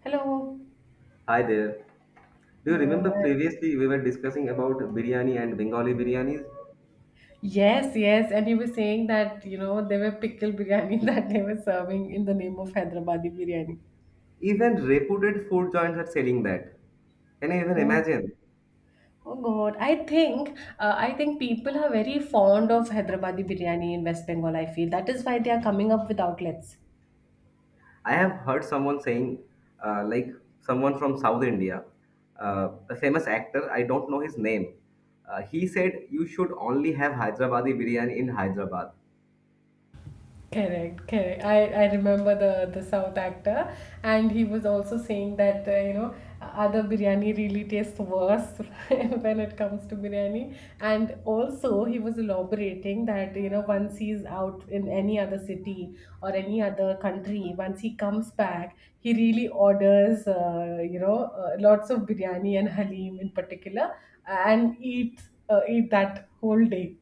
Hello. Hi there. Do you Hello. remember previously we were discussing about biryani and Bengali biryanis? Yes, yes. And you were saying that, you know, there were pickle biryani that they were serving in the name of Hyderabadi biryani. Even reputed food joints are selling that. Can you even Oh, imagine? oh God. I think people are very fond of Hyderabadi biryani in West Bengal, I feel. That is why they are coming up with outlets. I have heard someone saying, uh, like someone from South India, a famous actor, I don't know his name. He said, "You should only have Hyderabadi biryani in Hyderabad." Correct, correct. I remember the South actor, and he was also saying that you know other biryani really tastes worse when it comes to biryani. And also he was elaborating that you know once he's out in any other city or any other country, once he comes back, he really orders you know lots of biryani and halim in particular, and eat that whole day.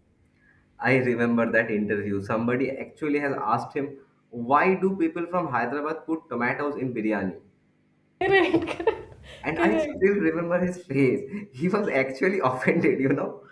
I remember that interview. Somebody actually has asked him, "Why do people from Hyderabad put tomatoes in biryani?" Correct, correct, And I correct. still remember his face. He was actually offended,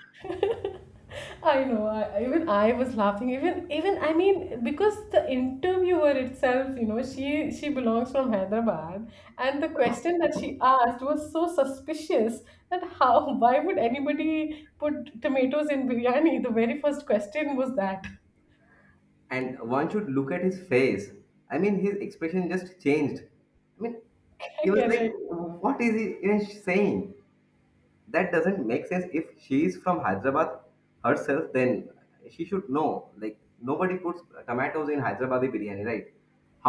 I know. Even I was laughing. Even I mean because the interviewer itself, you know, she belongs from Hyderabad, and the question that she asked was so suspicious that how why would anybody put tomatoes in biryani? The very first question was that. And one should look at his face. I mean, his expression just changed. I mean, he was like, Correct. "What is he even saying? That doesn't make sense. If she is from Hyderabad herself, then she should know. Like nobody puts tomatoes in Hyderabadi biryani, right?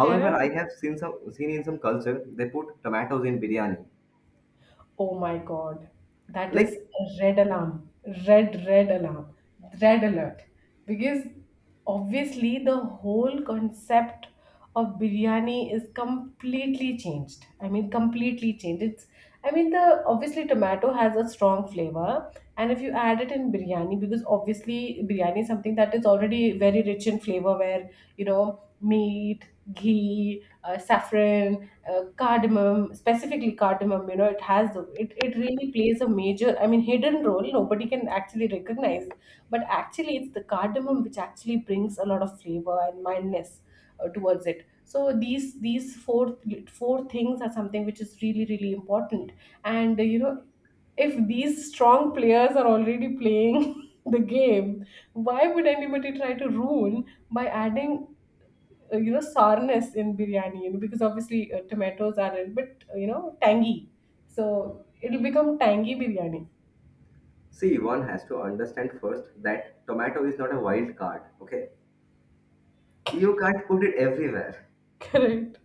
However, I have seen some seen in some culture they put tomatoes in biryani. Oh my God. That Like is a red alarm. Red, red alarm. Red alert. Because obviously the whole concept of biryani is completely changed. I mean, completely changed. It's, I mean, the obviously tomato has a strong flavor, and if you add it in biryani, because obviously biryani is something that is already very rich in flavor, where you know meat, ghee, saffron, cardamom, specifically cardamom, you know, it has it really plays a major, I mean, hidden role. Nobody can actually recognize, but actually, it's the cardamom which actually brings a lot of flavor and mildness towards it. So these four things are something which is really important. And you know, if these strong players are already playing the game, why would anybody try to ruin by adding you know sourness in biryani, you know, because obviously tomatoes are a little bit you know tangy, so it'll become tangy biryani. See, one has to understand first that tomato is not a wild card, okay? You can't put it everywhere." Correct.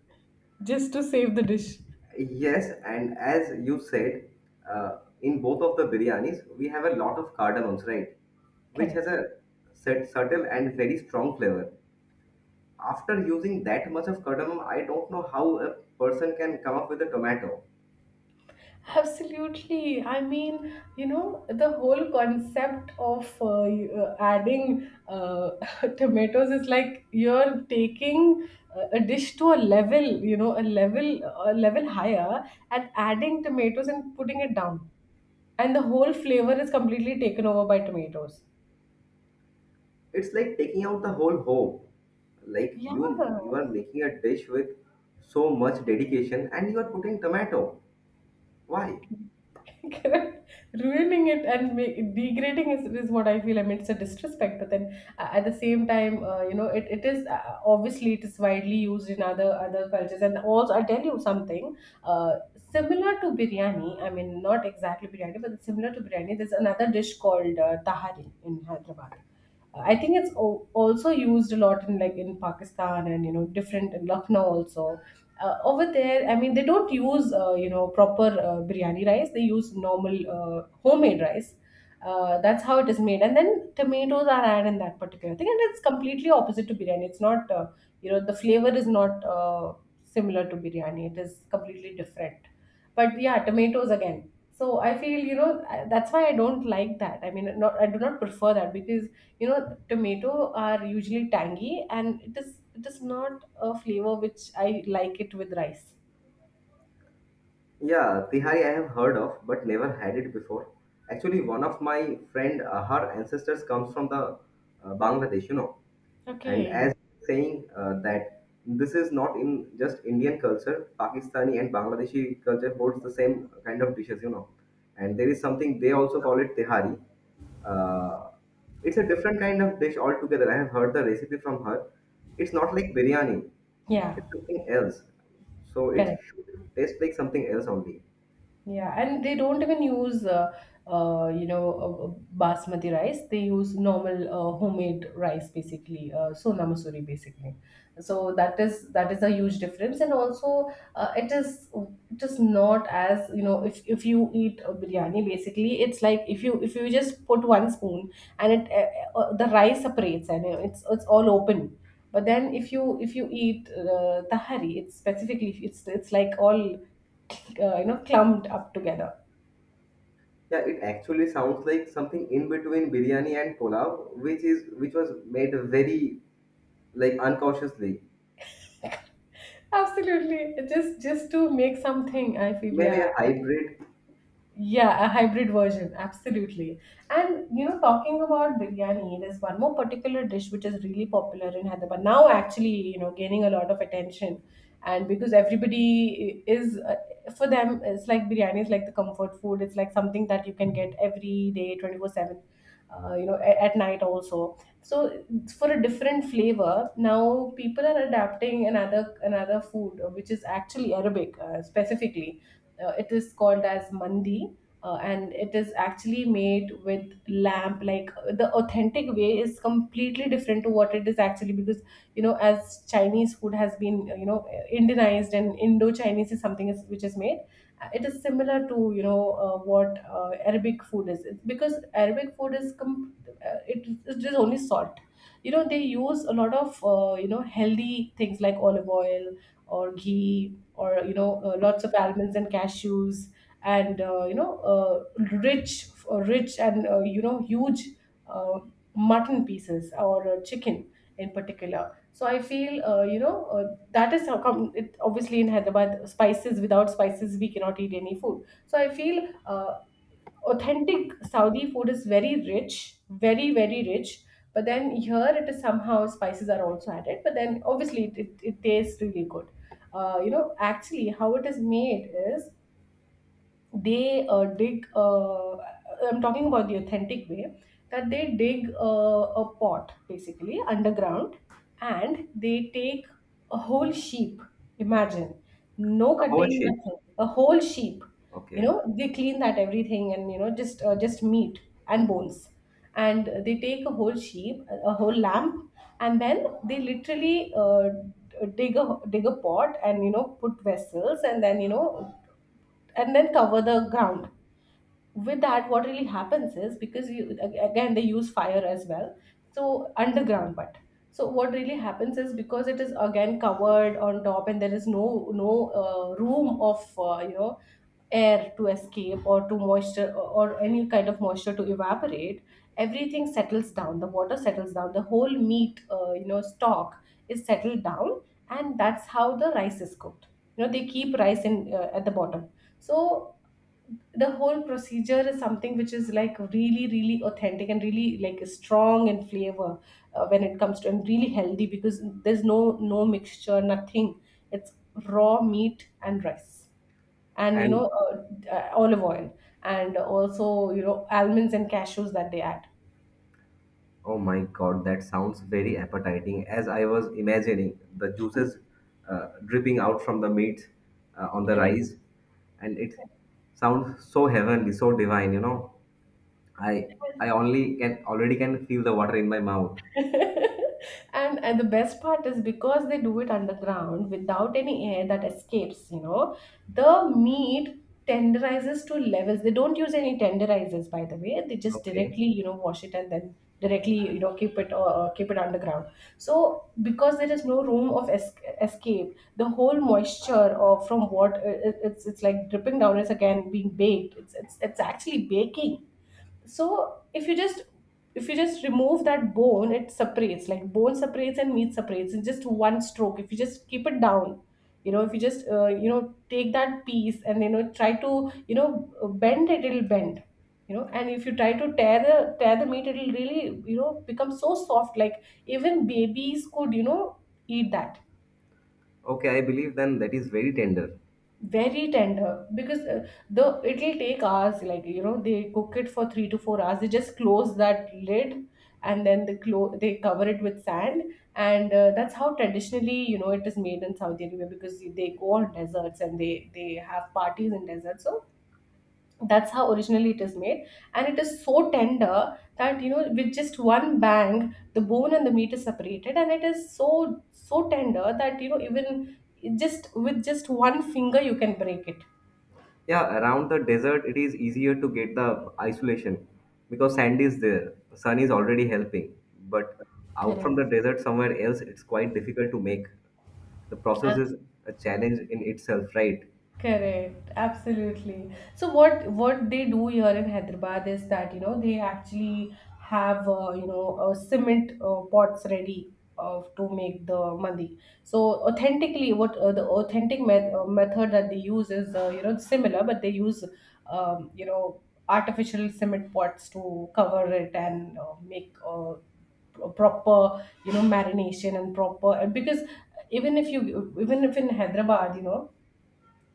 Just to save the dish. Yes, and as you said, in both of the biryanis, we have a lot of cardamoms, right? Which Correct, has a set, subtle and very strong flavor. After using that much of cardamom, I don't know how a person can come up with a tomato. absolutely, I mean, you know the whole concept of adding tomatoes is like you're taking a dish to a level, you know, a level higher, and adding tomatoes and putting it down. And the whole flavor is completely taken over by tomatoes. It's like taking out the whole hope. Like Yeah, you, you are making a dish with so much dedication, and you are putting tomato. Why? correct. Ruining it and make, degrading is what I feel. I mean, it's a disrespect, but then at the same time, you know, it is obviously it is widely used in other cultures. And also, I'll tell you something uh, similar to biryani. I mean, not exactly biryani, but similar to biryani. There's another dish called tahari in Hyderabad. I think it's also used a lot in like in Pakistan and you know different in Lucknow also. Over there, I mean, they don't use you know proper biryani rice. They use normal homemade rice. That's how it is made, and then tomatoes are added in that particular thing, and it's completely opposite to biryani. It's not you know the flavor is not similar to biryani. It is completely different, but yeah, tomatoes again, so I feel, you know, that's why I don't like that. I mean, not I do not prefer that, because you know tomato are usually tangy, and it is not a flavor which I like it with rice. Yeah, Tihari I have heard of, but never had it before. Actually, one of my friend, her ancestors comes from the Bangladesh, you know, and Okay. as saying that this is not in just Indian culture, Pakistani and Bangladeshi culture holds the same kind of dishes, you know, and there is something they also call it Tihari. Uh, it's a different kind of dish altogether. I have heard the recipe from her. It's not like biryani. Yeah. It's something else. So it Correct. should taste like something else only. Yeah, and they don't even use, uh, you know, uh, uh, basmati rice. They use normal homemade rice, basically, sona masuri, basically. So that is a huge difference, and also it is not as, you know, if you eat a biryani, basically, it's like if you just put one spoon, and it the rice separates, and it's all open, but then if you eat tahari, it's specifically, it's like all you know clumped up together. Yeah, it actually sounds like something in between biryani and pulao, which is which was made very like uncautiously, Absolutely, just to make something, I feel, maybe yeah. a hybrid Yeah, a hybrid version, absolutely. And you know, talking about biryani, there's one more particular dish which is really popular in Hyderabad now. Actually, you know, gaining a lot of attention, and because everybody is for them, it's like biryani is like the comfort food. It's like something that you can get every day, 24/7. You know, at night also. So it's for a different flavor, now people are adapting another food which is actually Arabic, specifically, it is called as mandi, and it is actually made with lamp. Like the authentic way is completely different to what it is actually, because you know as Chinese food has been you know Indianized, and Indo-Chinese is something is, which is made. It is similar to, you know, what Arabic food is. It's because Arabic food is it is only salt, you know, they use a lot of you know healthy things like olive oil or ghee, or you know lots of almonds and cashews, and you know rich and you know huge uh, mutton pieces or chicken in particular. So I feel you know that is how come it, obviously in Hyderabad spices without spices we cannot eat any food. So I feel authentic Saudi food is very rich, very, very rich. But then here it is somehow spices are also added. But then obviously it tastes really good. You know, actually, how it is made is, they dig, I'm talking about the authentic way, that they dig a pot basically underground, and they take a whole sheep, imagine, no a whole cutting, sheep. nothing, a whole sheep. You know, Okay, they clean that everything, and you know just meat and bones, and they take a whole sheep, a whole lamb, and then they literally dig a pot, and you know put vessels, and then you know, and then cover the ground with that. What really happens is, because you again they use fire as well, so underground, but so what really happens is, because it is again covered on top, and there is no room of you know air to escape, or to moisture, or any kind of moisture to evaporate, everything settles down, the water settles down, the whole meat you know stock is settled down, and that's how the rice is cooked. You know, they keep rice in at the bottom. So the whole procedure is something which is like really authentic, and really like strong in flavor when it comes to, and really healthy, because there's no mixture, nothing. It's raw meat and rice, and you and know olive oil, and also you know almonds and cashews that they add. oh my god, that sounds very appetizing. As I was imagining the juices dripping out from the meat on the Correct. rice, and it sounds so heavenly, so divine. You know, I I only can already can feel the water in my mouth. And the best part is, because they do it underground without any air that escapes, you know, the meat tenderizes to levels. They don't use any tenderizers, by the way. They just Okay, directly, you know, wash it, and then directly, you know, keep it, or keep it underground. So because there is no room of escape, the whole moisture or from what, it's like dripping down, it's again being baked, it's actually baking. So if you just remove that bone, it separates, like bone separates and meat separates in just one stroke. If you just keep it down, you know, if you just you know take that piece, and you know try to, you know, bend it, it'll bend. You know, and if you try to tear the meat, it'll really, you know, become so soft, like even babies could, you know, eat that. okay, I believe then that is very tender. Very tender, because the it'll take hours. Like you know they cook it for 3 to 4 hours. They just close that lid, and then they they cover it with sand, and that's how traditionally, you know, it is made in Saudi Arabia, because they go on deserts, and they have parties in deserts. So that's how originally it is made, and it is so tender that, you know, with just one bang the bone and the meat is separated, and it is so tender that, you know, even just with just one finger you can break it. Yeah, around the desert, it is easier to get the isolation because sand is there. Sun is already helping. But out Correct. from the desert, somewhere else, it's quite difficult to make. The process is a challenge in itself, right? Correct, absolutely. So what they do here in Hyderabad is that, you know, they actually have you know cement pots ready of to make the mandi. So, authentically, what the authentic method that they use is similar, but they use um, you know artificial cement pots to cover it and make a proper marination and proper because even if you even if in Hyderabad,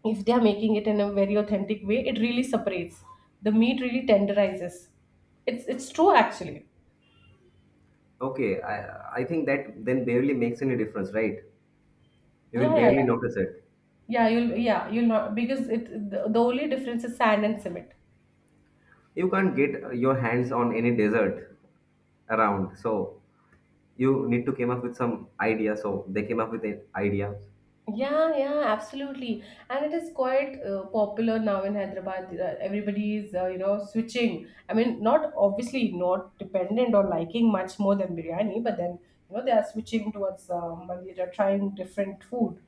if they are making it in a very authentic way, it really separates the meat, really tenderizes it's true actually. Okay, I think that then barely makes any difference, right? You will Yeah, yeah, barely yeah. notice it. Yeah, you'll not, because the only difference is sand and cement. You can't get your hands on any desert around, so you need to come up with some idea. So they came up with an idea. Yeah, yeah, absolutely. And it is quite popular now in Hyderabad. Everybody is, switching. I mean, not obviously not dependent on liking much more than biryani, but then, they are switching towards and they are trying different food.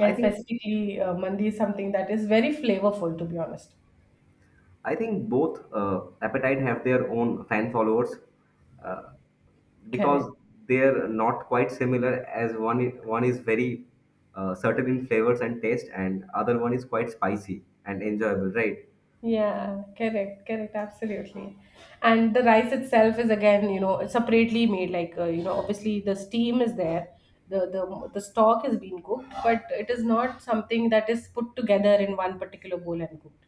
I think specifically, mandi is something that is very flavorful, to be honest. I think both Appetite have their own fan followers uh, Correct. because they're not quite similar. As one is very certain in flavors and taste, and other one is quite spicy and enjoyable, right? Yeah, correct, correct, absolutely. And the rice itself is again, separately made. Like, obviously the steam is there, the stock is being cooked, but it is not something that is put together in one particular bowl and cooked.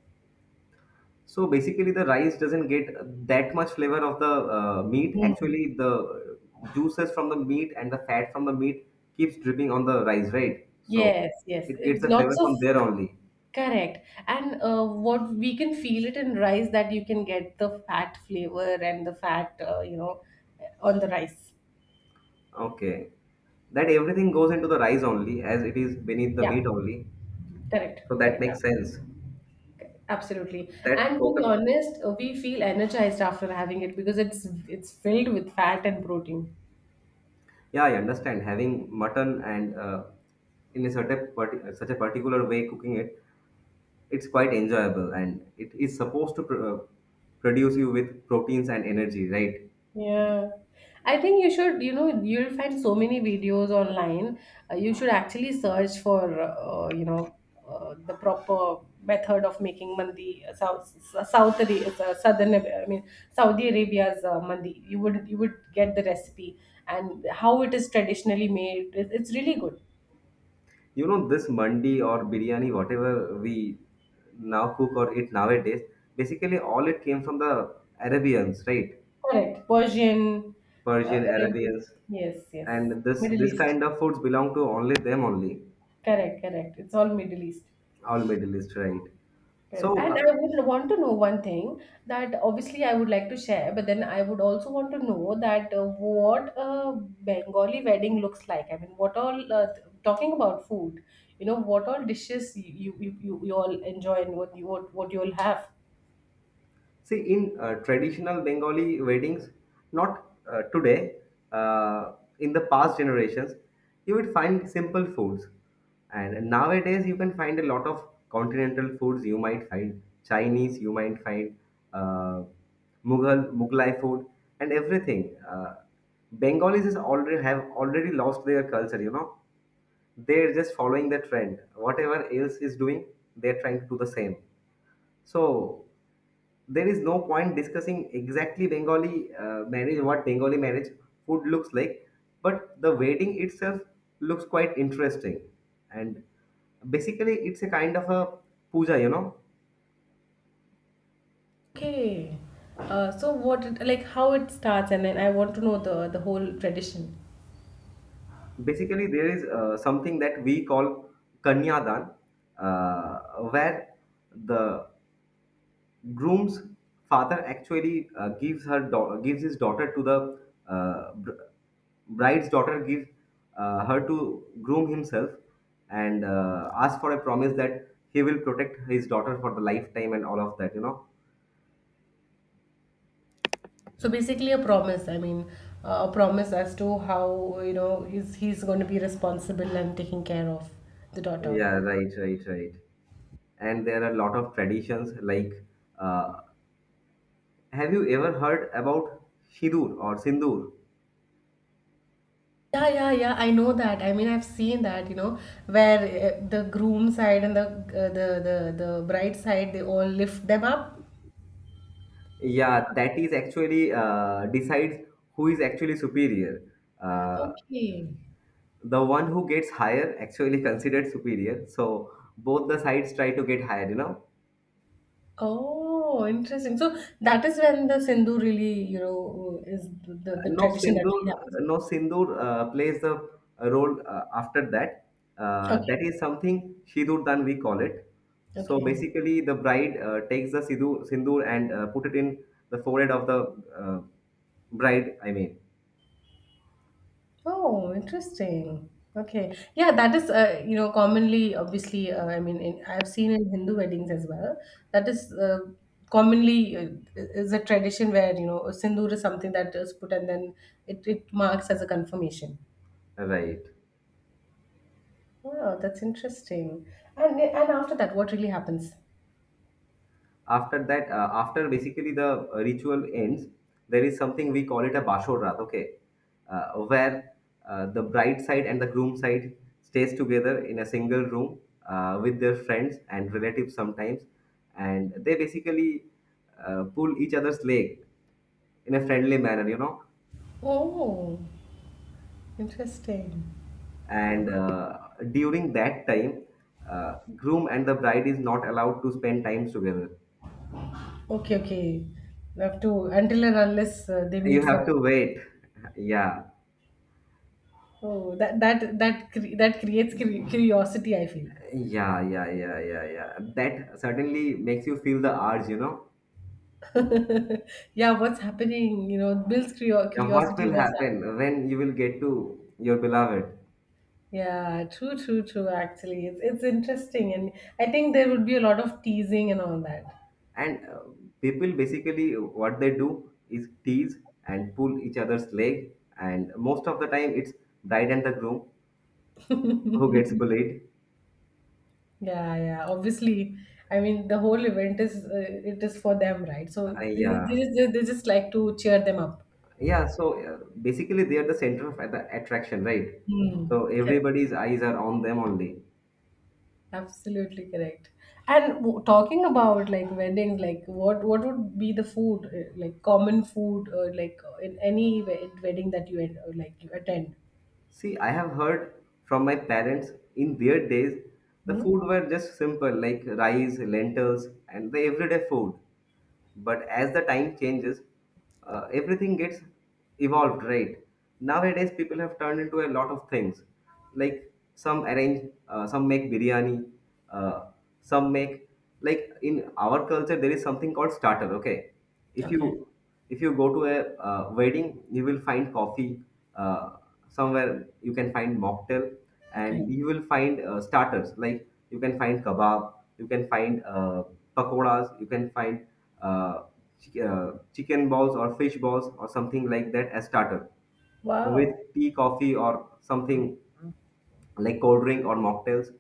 So basically, the rice doesn't get that much flavor of the meat. Mm. Actually, the juices from the meat and the fat from the meat keeps dripping on the rice, right? So Yes, yes. it gets It, the lots flavor of from there only. correct. And what we can feel it in rice, that you can get the fat flavor and the fat, on the rice. Okay. That everything goes into the rice only, as it is beneath the Yeah, meat only. correct, So that correct, makes absolutely. sense. Absolutely. And That to be total. honest, we feel energized after having it because it's filled with fat and protein. Yeah, I understand. Having mutton and in a such a particular way cooking it, it's quite enjoyable, and it is supposed to produce you with proteins and energy, right? Yeah. I think you should, you'll find so many videos online. You should actually search for, the proper method of making mandi, Southern, I mean, Saudi Arabia's mandi. You would get the recipe and how it is traditionally made. It's really good. You know, this mandi or biryani, whatever we now cook or eat nowadays, basically all it came from the Arabians, right? Correct. Persian, Persian, Arabic. Arabians, Yes, yes. and this Middle this East. kind of foods belong to only them only, Correct, correct. It's all Middle East. all Middle East, right? Correct. So And I would want to know one thing, that obviously I would like to share, but then I would also want to know that what a Bengali wedding looks like. I mean, what all talking about food, what all dishes you all enjoy and what you all have. See, in traditional Bengali weddings, not today, uh, in the past generations, you would find simple foods. And nowadays, you can find a lot of continental foods. You might find Chinese, you might find uh, Mughal, Mughlai food, and everything. Bengalis is already have already lost their culture. You know, they're just following the trend. Whatever else is doing, they're trying to do the same. So there is no point discussing exactly Bengali marriage, what Bengali marriage food looks like, but the wedding itself looks quite interesting. And basically, it's a kind of a puja, you know. Okay. So what like how it starts, and then I want to know the whole tradition. Basically, there is something that we call Kanyadan, uh, where the groom's father actually gives his daughter to the uh, br- bride's daughter give her to groom himself and ask for a promise that he will protect his daughter for the lifetime and all of that, you know. So basically a promise, I mean, a promise as to how, he's going to be responsible and taking care of the daughter. Yeah, right, right, right, and there are a lot of traditions like uh, have you ever heard about Shidur or Sindur? Yeah, yeah, yeah. I know that. I mean, I've seen that, where the groom side and the bride side, they all lift them up. Yeah, that is actually decides who is actually superior. Uh, Okay. the one who gets higher actually considered superior. So both the sides try to get higher, you know. Oh, interesting. So that is when the Sindhu really, is the No tradition that really Sindur, happens. no Sindur plays the role after that. That Okay. is something Sidur Dan we call it. So Okay. basically, the bride takes the Sidhu, Sindur and put it in the forehead of the uh, bride. I mean, Oh, interesting. Okay. Yeah, that is, commonly, obviously, I mean, I've seen in Hindu weddings as well. That is commonly is a tradition where, a sindoor is something that is put, and then it marks as a confirmation. right. Wow, that's interesting. And after that, what really happens? After that, after basically the ritual ends, there is something we call it a bashorat. Okay, where the bride side and the groom side stays together in a single room with their friends and relatives sometimes, and they basically pull each other's leg in a friendly manner, you know. Oh, interesting. And during that time, groom and the bride is not allowed to spend time together. Okay, okay. We have to, until and unless they meet You for have it. to wait. Yeah. Oh, that that creates curiosity, I feel. Yeah, yeah, yeah, yeah, yeah. That certainly makes you feel the urge, you know. Yeah, what's happening? You know, it builds Now, what curiosity. will What's happening? happen when you will get to your beloved? Yeah, true, true, true. Actually, it's interesting, and I think there would be a lot of teasing and all that. And people basically what they do is tease and pull each other's leg, and most of the time it's bride and the groom who gets bullied. Yeah, yeah. Obviously, I mean, the whole event is it is for them, right? So Uh, they yeah, they, just- they, they just like to cheer them up. yeah. So basically they are the center of the attraction, right? Hmm. So everybody's eyes are on them only. Absolutely correct. And talking about like weddings, like what would be the food, like common food, or like in any wedding that you like you attend? See, I have heard from my parents in their days, the Hmm? food were just simple like rice, lentils, and the everyday food. But as the time changes, everything gets evolved, right? Nowadays, people have turned into a lot of things. Like some arrange, some make biryani, uh, some make like in our culture there is something called starter. Okay, if Okay. you if you go to a wedding you will find coffee, uh, somewhere you can find mocktail, Okay. and you will find starters like you can find kebab, you can find pakoras, you can find uh, chicken balls or fish balls or something like that as starter with Wow. tea, coffee, or something like cold drink or mocktails.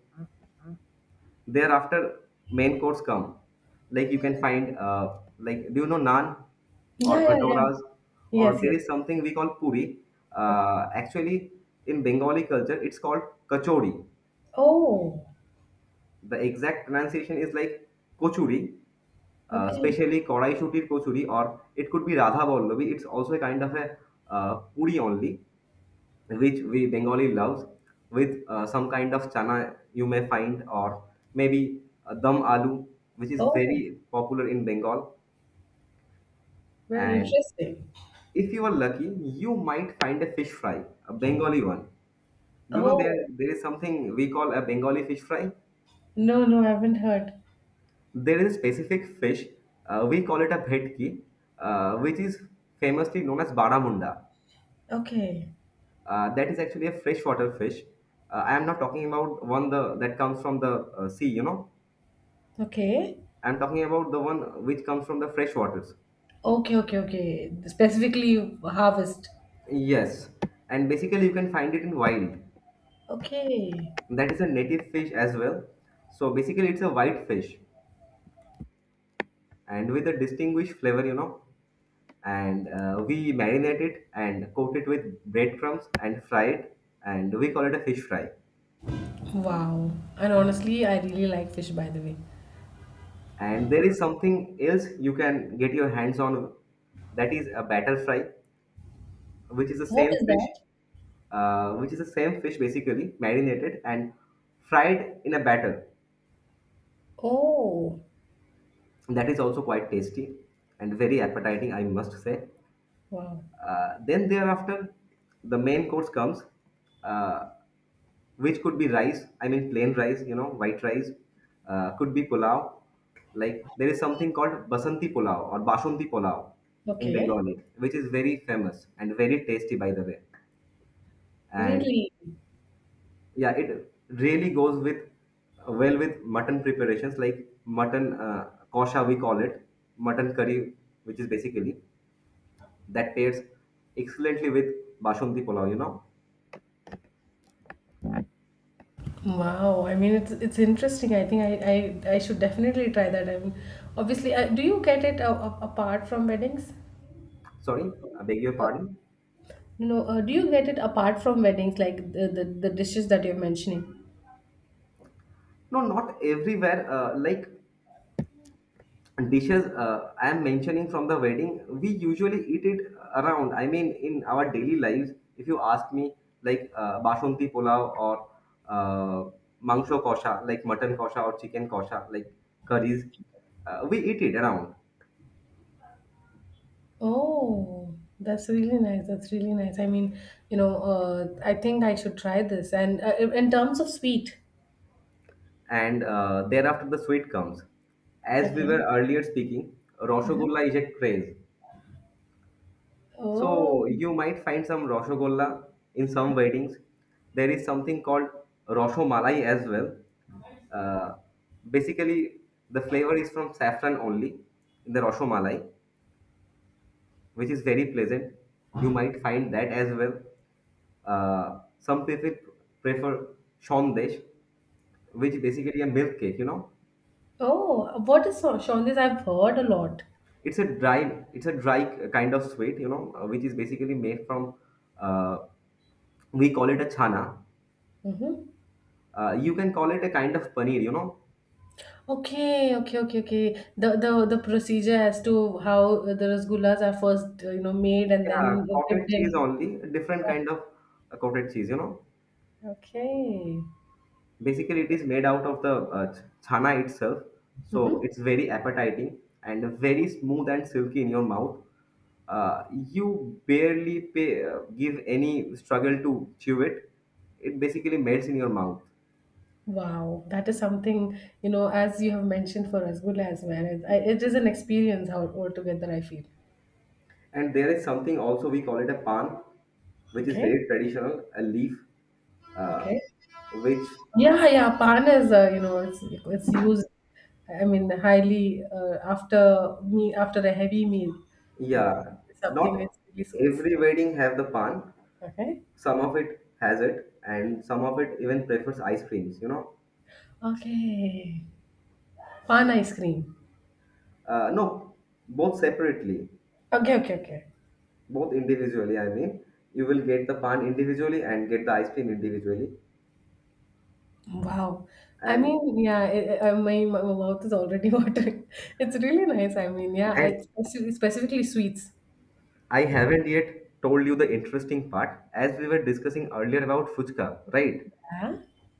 Thereafter, main course come. Like you can find, like do you know naan or Yeah, yeah, yeah. bhatoras, Yes, or there yes. is something we call puri. Okay. Actually, in Bengali culture, it's called kachori. Oh, The exact pronunciation is like kochuri, okay. especially korai shutir kochuri, or it could be radha vallavi. It's also a kind of a puri only which we Bengali loves, with some kind of chana you may find, or maybe dum aloo, which is Oh, very popular in Bengal. very And interesting. if you are lucky, you might find a fish fry, a Bengali one. You know, there Oh, there is something we call a Bengali fish fry. no, no, I haven't heard. There is a specific fish, we call it a bhetki, which is famously known as baramunda. Okay. That is actually a freshwater fish. I am not talking about one the that comes from the sea, you know. Okay. I'm talking about the one which comes from the fresh waters. Okay, okay, okay. Specifically harvest. Yes, and basically you can find it in wild. Okay. That is a native fish as well. So basically it's a white fish and with a distinguished flavor, you know. And we marinate it and coat it with breadcrumbs and fry it, and we call it a fish fry. Wow. And honestly, I really like fish, by the way. And there is something else you can get your hands on, that is a batter fry, which is the What same is that? fish, basically marinated and fried in a batter. Oh, That is also quite tasty and very appetizing, I must say. wow. Then thereafter, the main course comes, uh, which could be rice. I mean, plain rice, you know, white rice. Could be pulao. Like there is something called basanti pulao or basmati pulao in Okay. Bengali, which is very famous and very tasty, by the way. And Really? yeah, it really goes with well with mutton preparations like mutton kosha, we call it, mutton curry, which is basically that pairs excellently with basmati pulao, you know. Wow. I mean, it's interesting. I think I should definitely try that. I mean, obviously, do you get it apart from weddings? Sorry, I beg your Uh, pardon. No, do you get it apart from weddings, like the dishes that you're mentioning? No, not everywhere, like dishes I am mentioning from the wedding. We usually eat it around, I mean in our daily lives, if you ask me, like basmati pulao or uh, mangsho kosha, like mutton kosha or chicken kosha, like curries, we eat it around. Oh, that's really nice. That's really nice. I mean, I think I should try this. And in terms of sweet, And thereafter the sweet comes, as we okay. were earlier speaking. Roshogulla is a craze. Oh. So you might find some Roshogolla in some weddings. There is something called Roshomalai as well. Uh, Basically, the flavor is from saffron only in the Roshomalai, which is very pleasant. You might find that as well. Some people prefer Shondesh, which basically a milk cake, you know. Oh, what is so- jaundice? I've heard a lot. It's a dry kind of sweet, you know, which is basically made from, uh, we call it a chana. Mm-hmm. You can call it a kind of paneer, you know. Okay, okay, okay, okay. The procedure as to how the rasgullas are first, made and Yeah, then dipped cottage cheese in. only, a different kind of cottage cheese, you know. Okay. Basically, it is made out of the chana itself, Mm-hmm. so it's very appetizing and very smooth and silky in your mouth. You barely pay, give any struggle to chew it. It basically melts in your mouth. Wow, that is something, as you have mentioned for rasgulla as well. It is an experience how altogether I feel. And there is something also we call it a pan, which is Okay, very traditional, a leaf, uh, okay. which, Yeah, yeah, pan is it's used. I mean, highly after a heavy meal, you know, yeah, something that not really suits. every wedding have the pan. Okay, Some of it has it, and some of it even prefers ice creams. You know, okay, pan ice cream. No, both separately, Okay, okay, okay. both individually. I mean, you will get the pan individually and get the ice cream individually. Wow. I And mean, yeah, my mouth is already watering. It's really nice. I mean, yeah, I and specifically sweets. I haven't yet told you the interesting part. As we were discussing earlier about fuchka, right? Huh?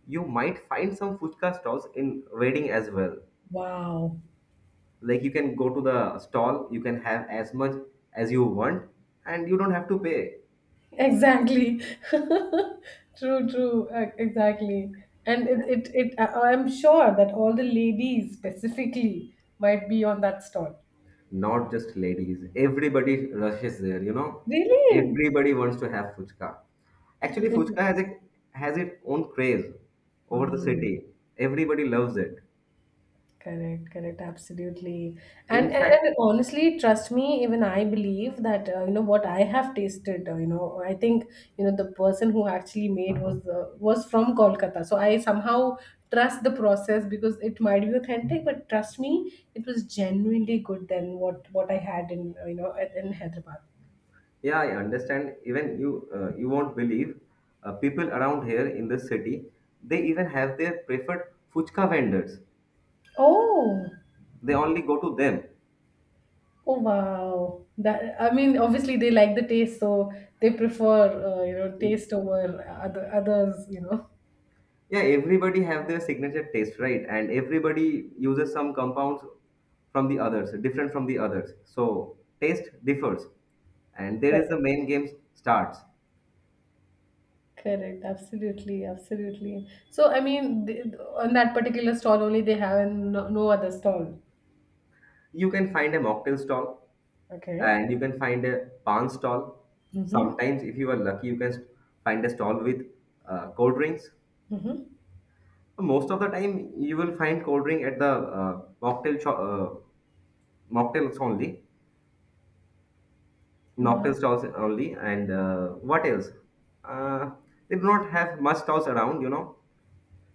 You might find some fuchka stalls in wedding as well. Wow. Like you can go to the stall, you can have as much as you want, and you don't have to pay. Exactly. True, true. Exactly. And I'm sure that all the ladies specifically might be on that stall. Not just ladies, everybody rushes there, you know. Really? Everybody wants to have fuchka. Actually fuchka has a, has its own craze over the city. Hmm. Everybody loves it. Correct, correct, absolutely. And, In and fact, and honestly, trust me, even I believe that what I have tasted. I think the person who actually made was from Kolkata, so I somehow trust the process because it might be authentic, but trust me, it was genuinely good than what I had in in Hyderabad. yeah, I understand, even you, you won't believe, people around here in this city, they even have their preferred fuchka vendors. Oh, They only go to them. oh wow! That I mean, obviously they like the taste, so they prefer taste over others. You know. Yeah, everybody have their signature taste, right? And everybody uses some compounds from the others, different from the others. So taste differs. And there is the main game starts. Correct. Absolutely. Absolutely. So, I mean, th on that particular stall only they have and no other stall. You can find a mocktail stall, Okay. and you can find a pan stall. Mm-hmm. Sometimes, if you are lucky, you can find a stall with cold drinks. Mm-hmm. Most of the time, you will find cold drink at the mocktail, mocktails only. Wow. Nocturne stalls only. And what else? Uh, they do not have much stalls around, you know.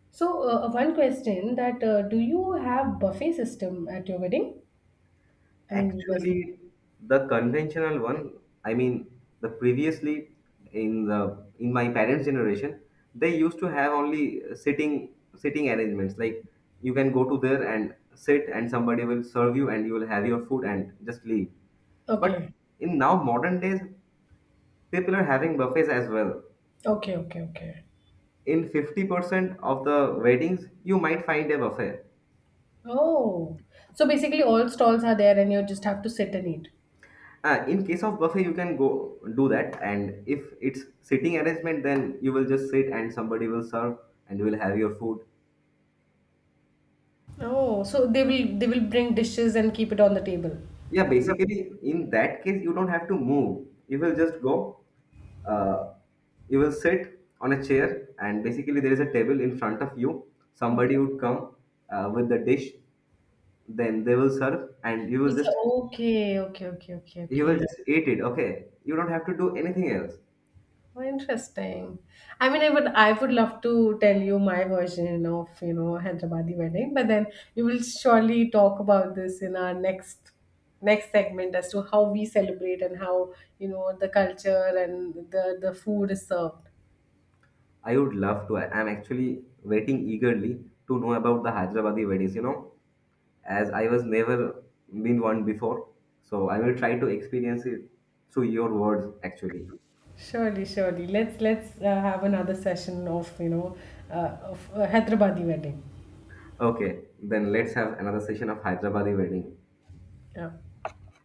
So, one question, that do you have buffet system at your wedding? I mean, investment. Actually, the conventional one, I mean, the previously in the in my parents' generation, they used to have only sitting arrangements. Like you can go to there and sit, and somebody will serve you, and you will have your food and just leave. But Okay. in now modern days, people are having buffets as well. Okay. Okay. Okay. In 50% of the weddings you might find a buffet. Oh. So basically, all stalls are there, and you just have to sit and eat. In case of buffet you can go do that, and if it's sitting arrangement then you will just sit and somebody will serve, and you will have your food. Oh, so they will bring dishes and keep it on the table. Yeah, basically in that case you don't have to move, you will just go, uh, you will sit on a chair, and basically there is a table in front of you, somebody Okay. would come with the dish, then they will serve and you will just, Okay, okay, okay, okay, you will okay. just eat it. Okay, you don't have to do anything else. Oh, interesting. I mean, I would love to tell you my version of Hyderabadi wedding, but then we will surely talk about this in our next next segment as to how we celebrate and how the culture and the food is served. I would love to. I am actually waiting eagerly to know about the Hyderabadi weddings, you know, as I was never been one before. So I will try to experience it through your words actually. Surely, surely. Let's have another session of Hyderabadi wedding. Okay, then let's have another session of Hyderabadi wedding. Yeah.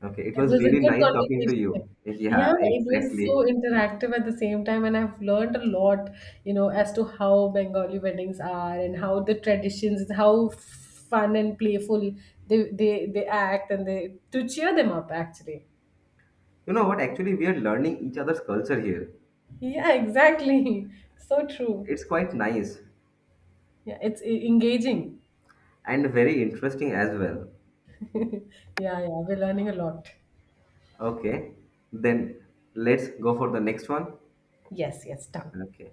Okay, it It was was a really good nice talking to conversation. you. Yeah, Yeah, it was so exactly. interactive at the same time, and I've learned a lot, as to how Bengali weddings are and how the traditions, how fun and playful they act and they to cheer them up actually. You know what? Actually, we are learning each other's culture here. Yeah, exactly. So true. It's quite nice Yeah, it's engaging. and very interesting as well. Yeah, yeah, we're learning a lot. Okay, then let's go for the next one. Yes, yes, done. Okay.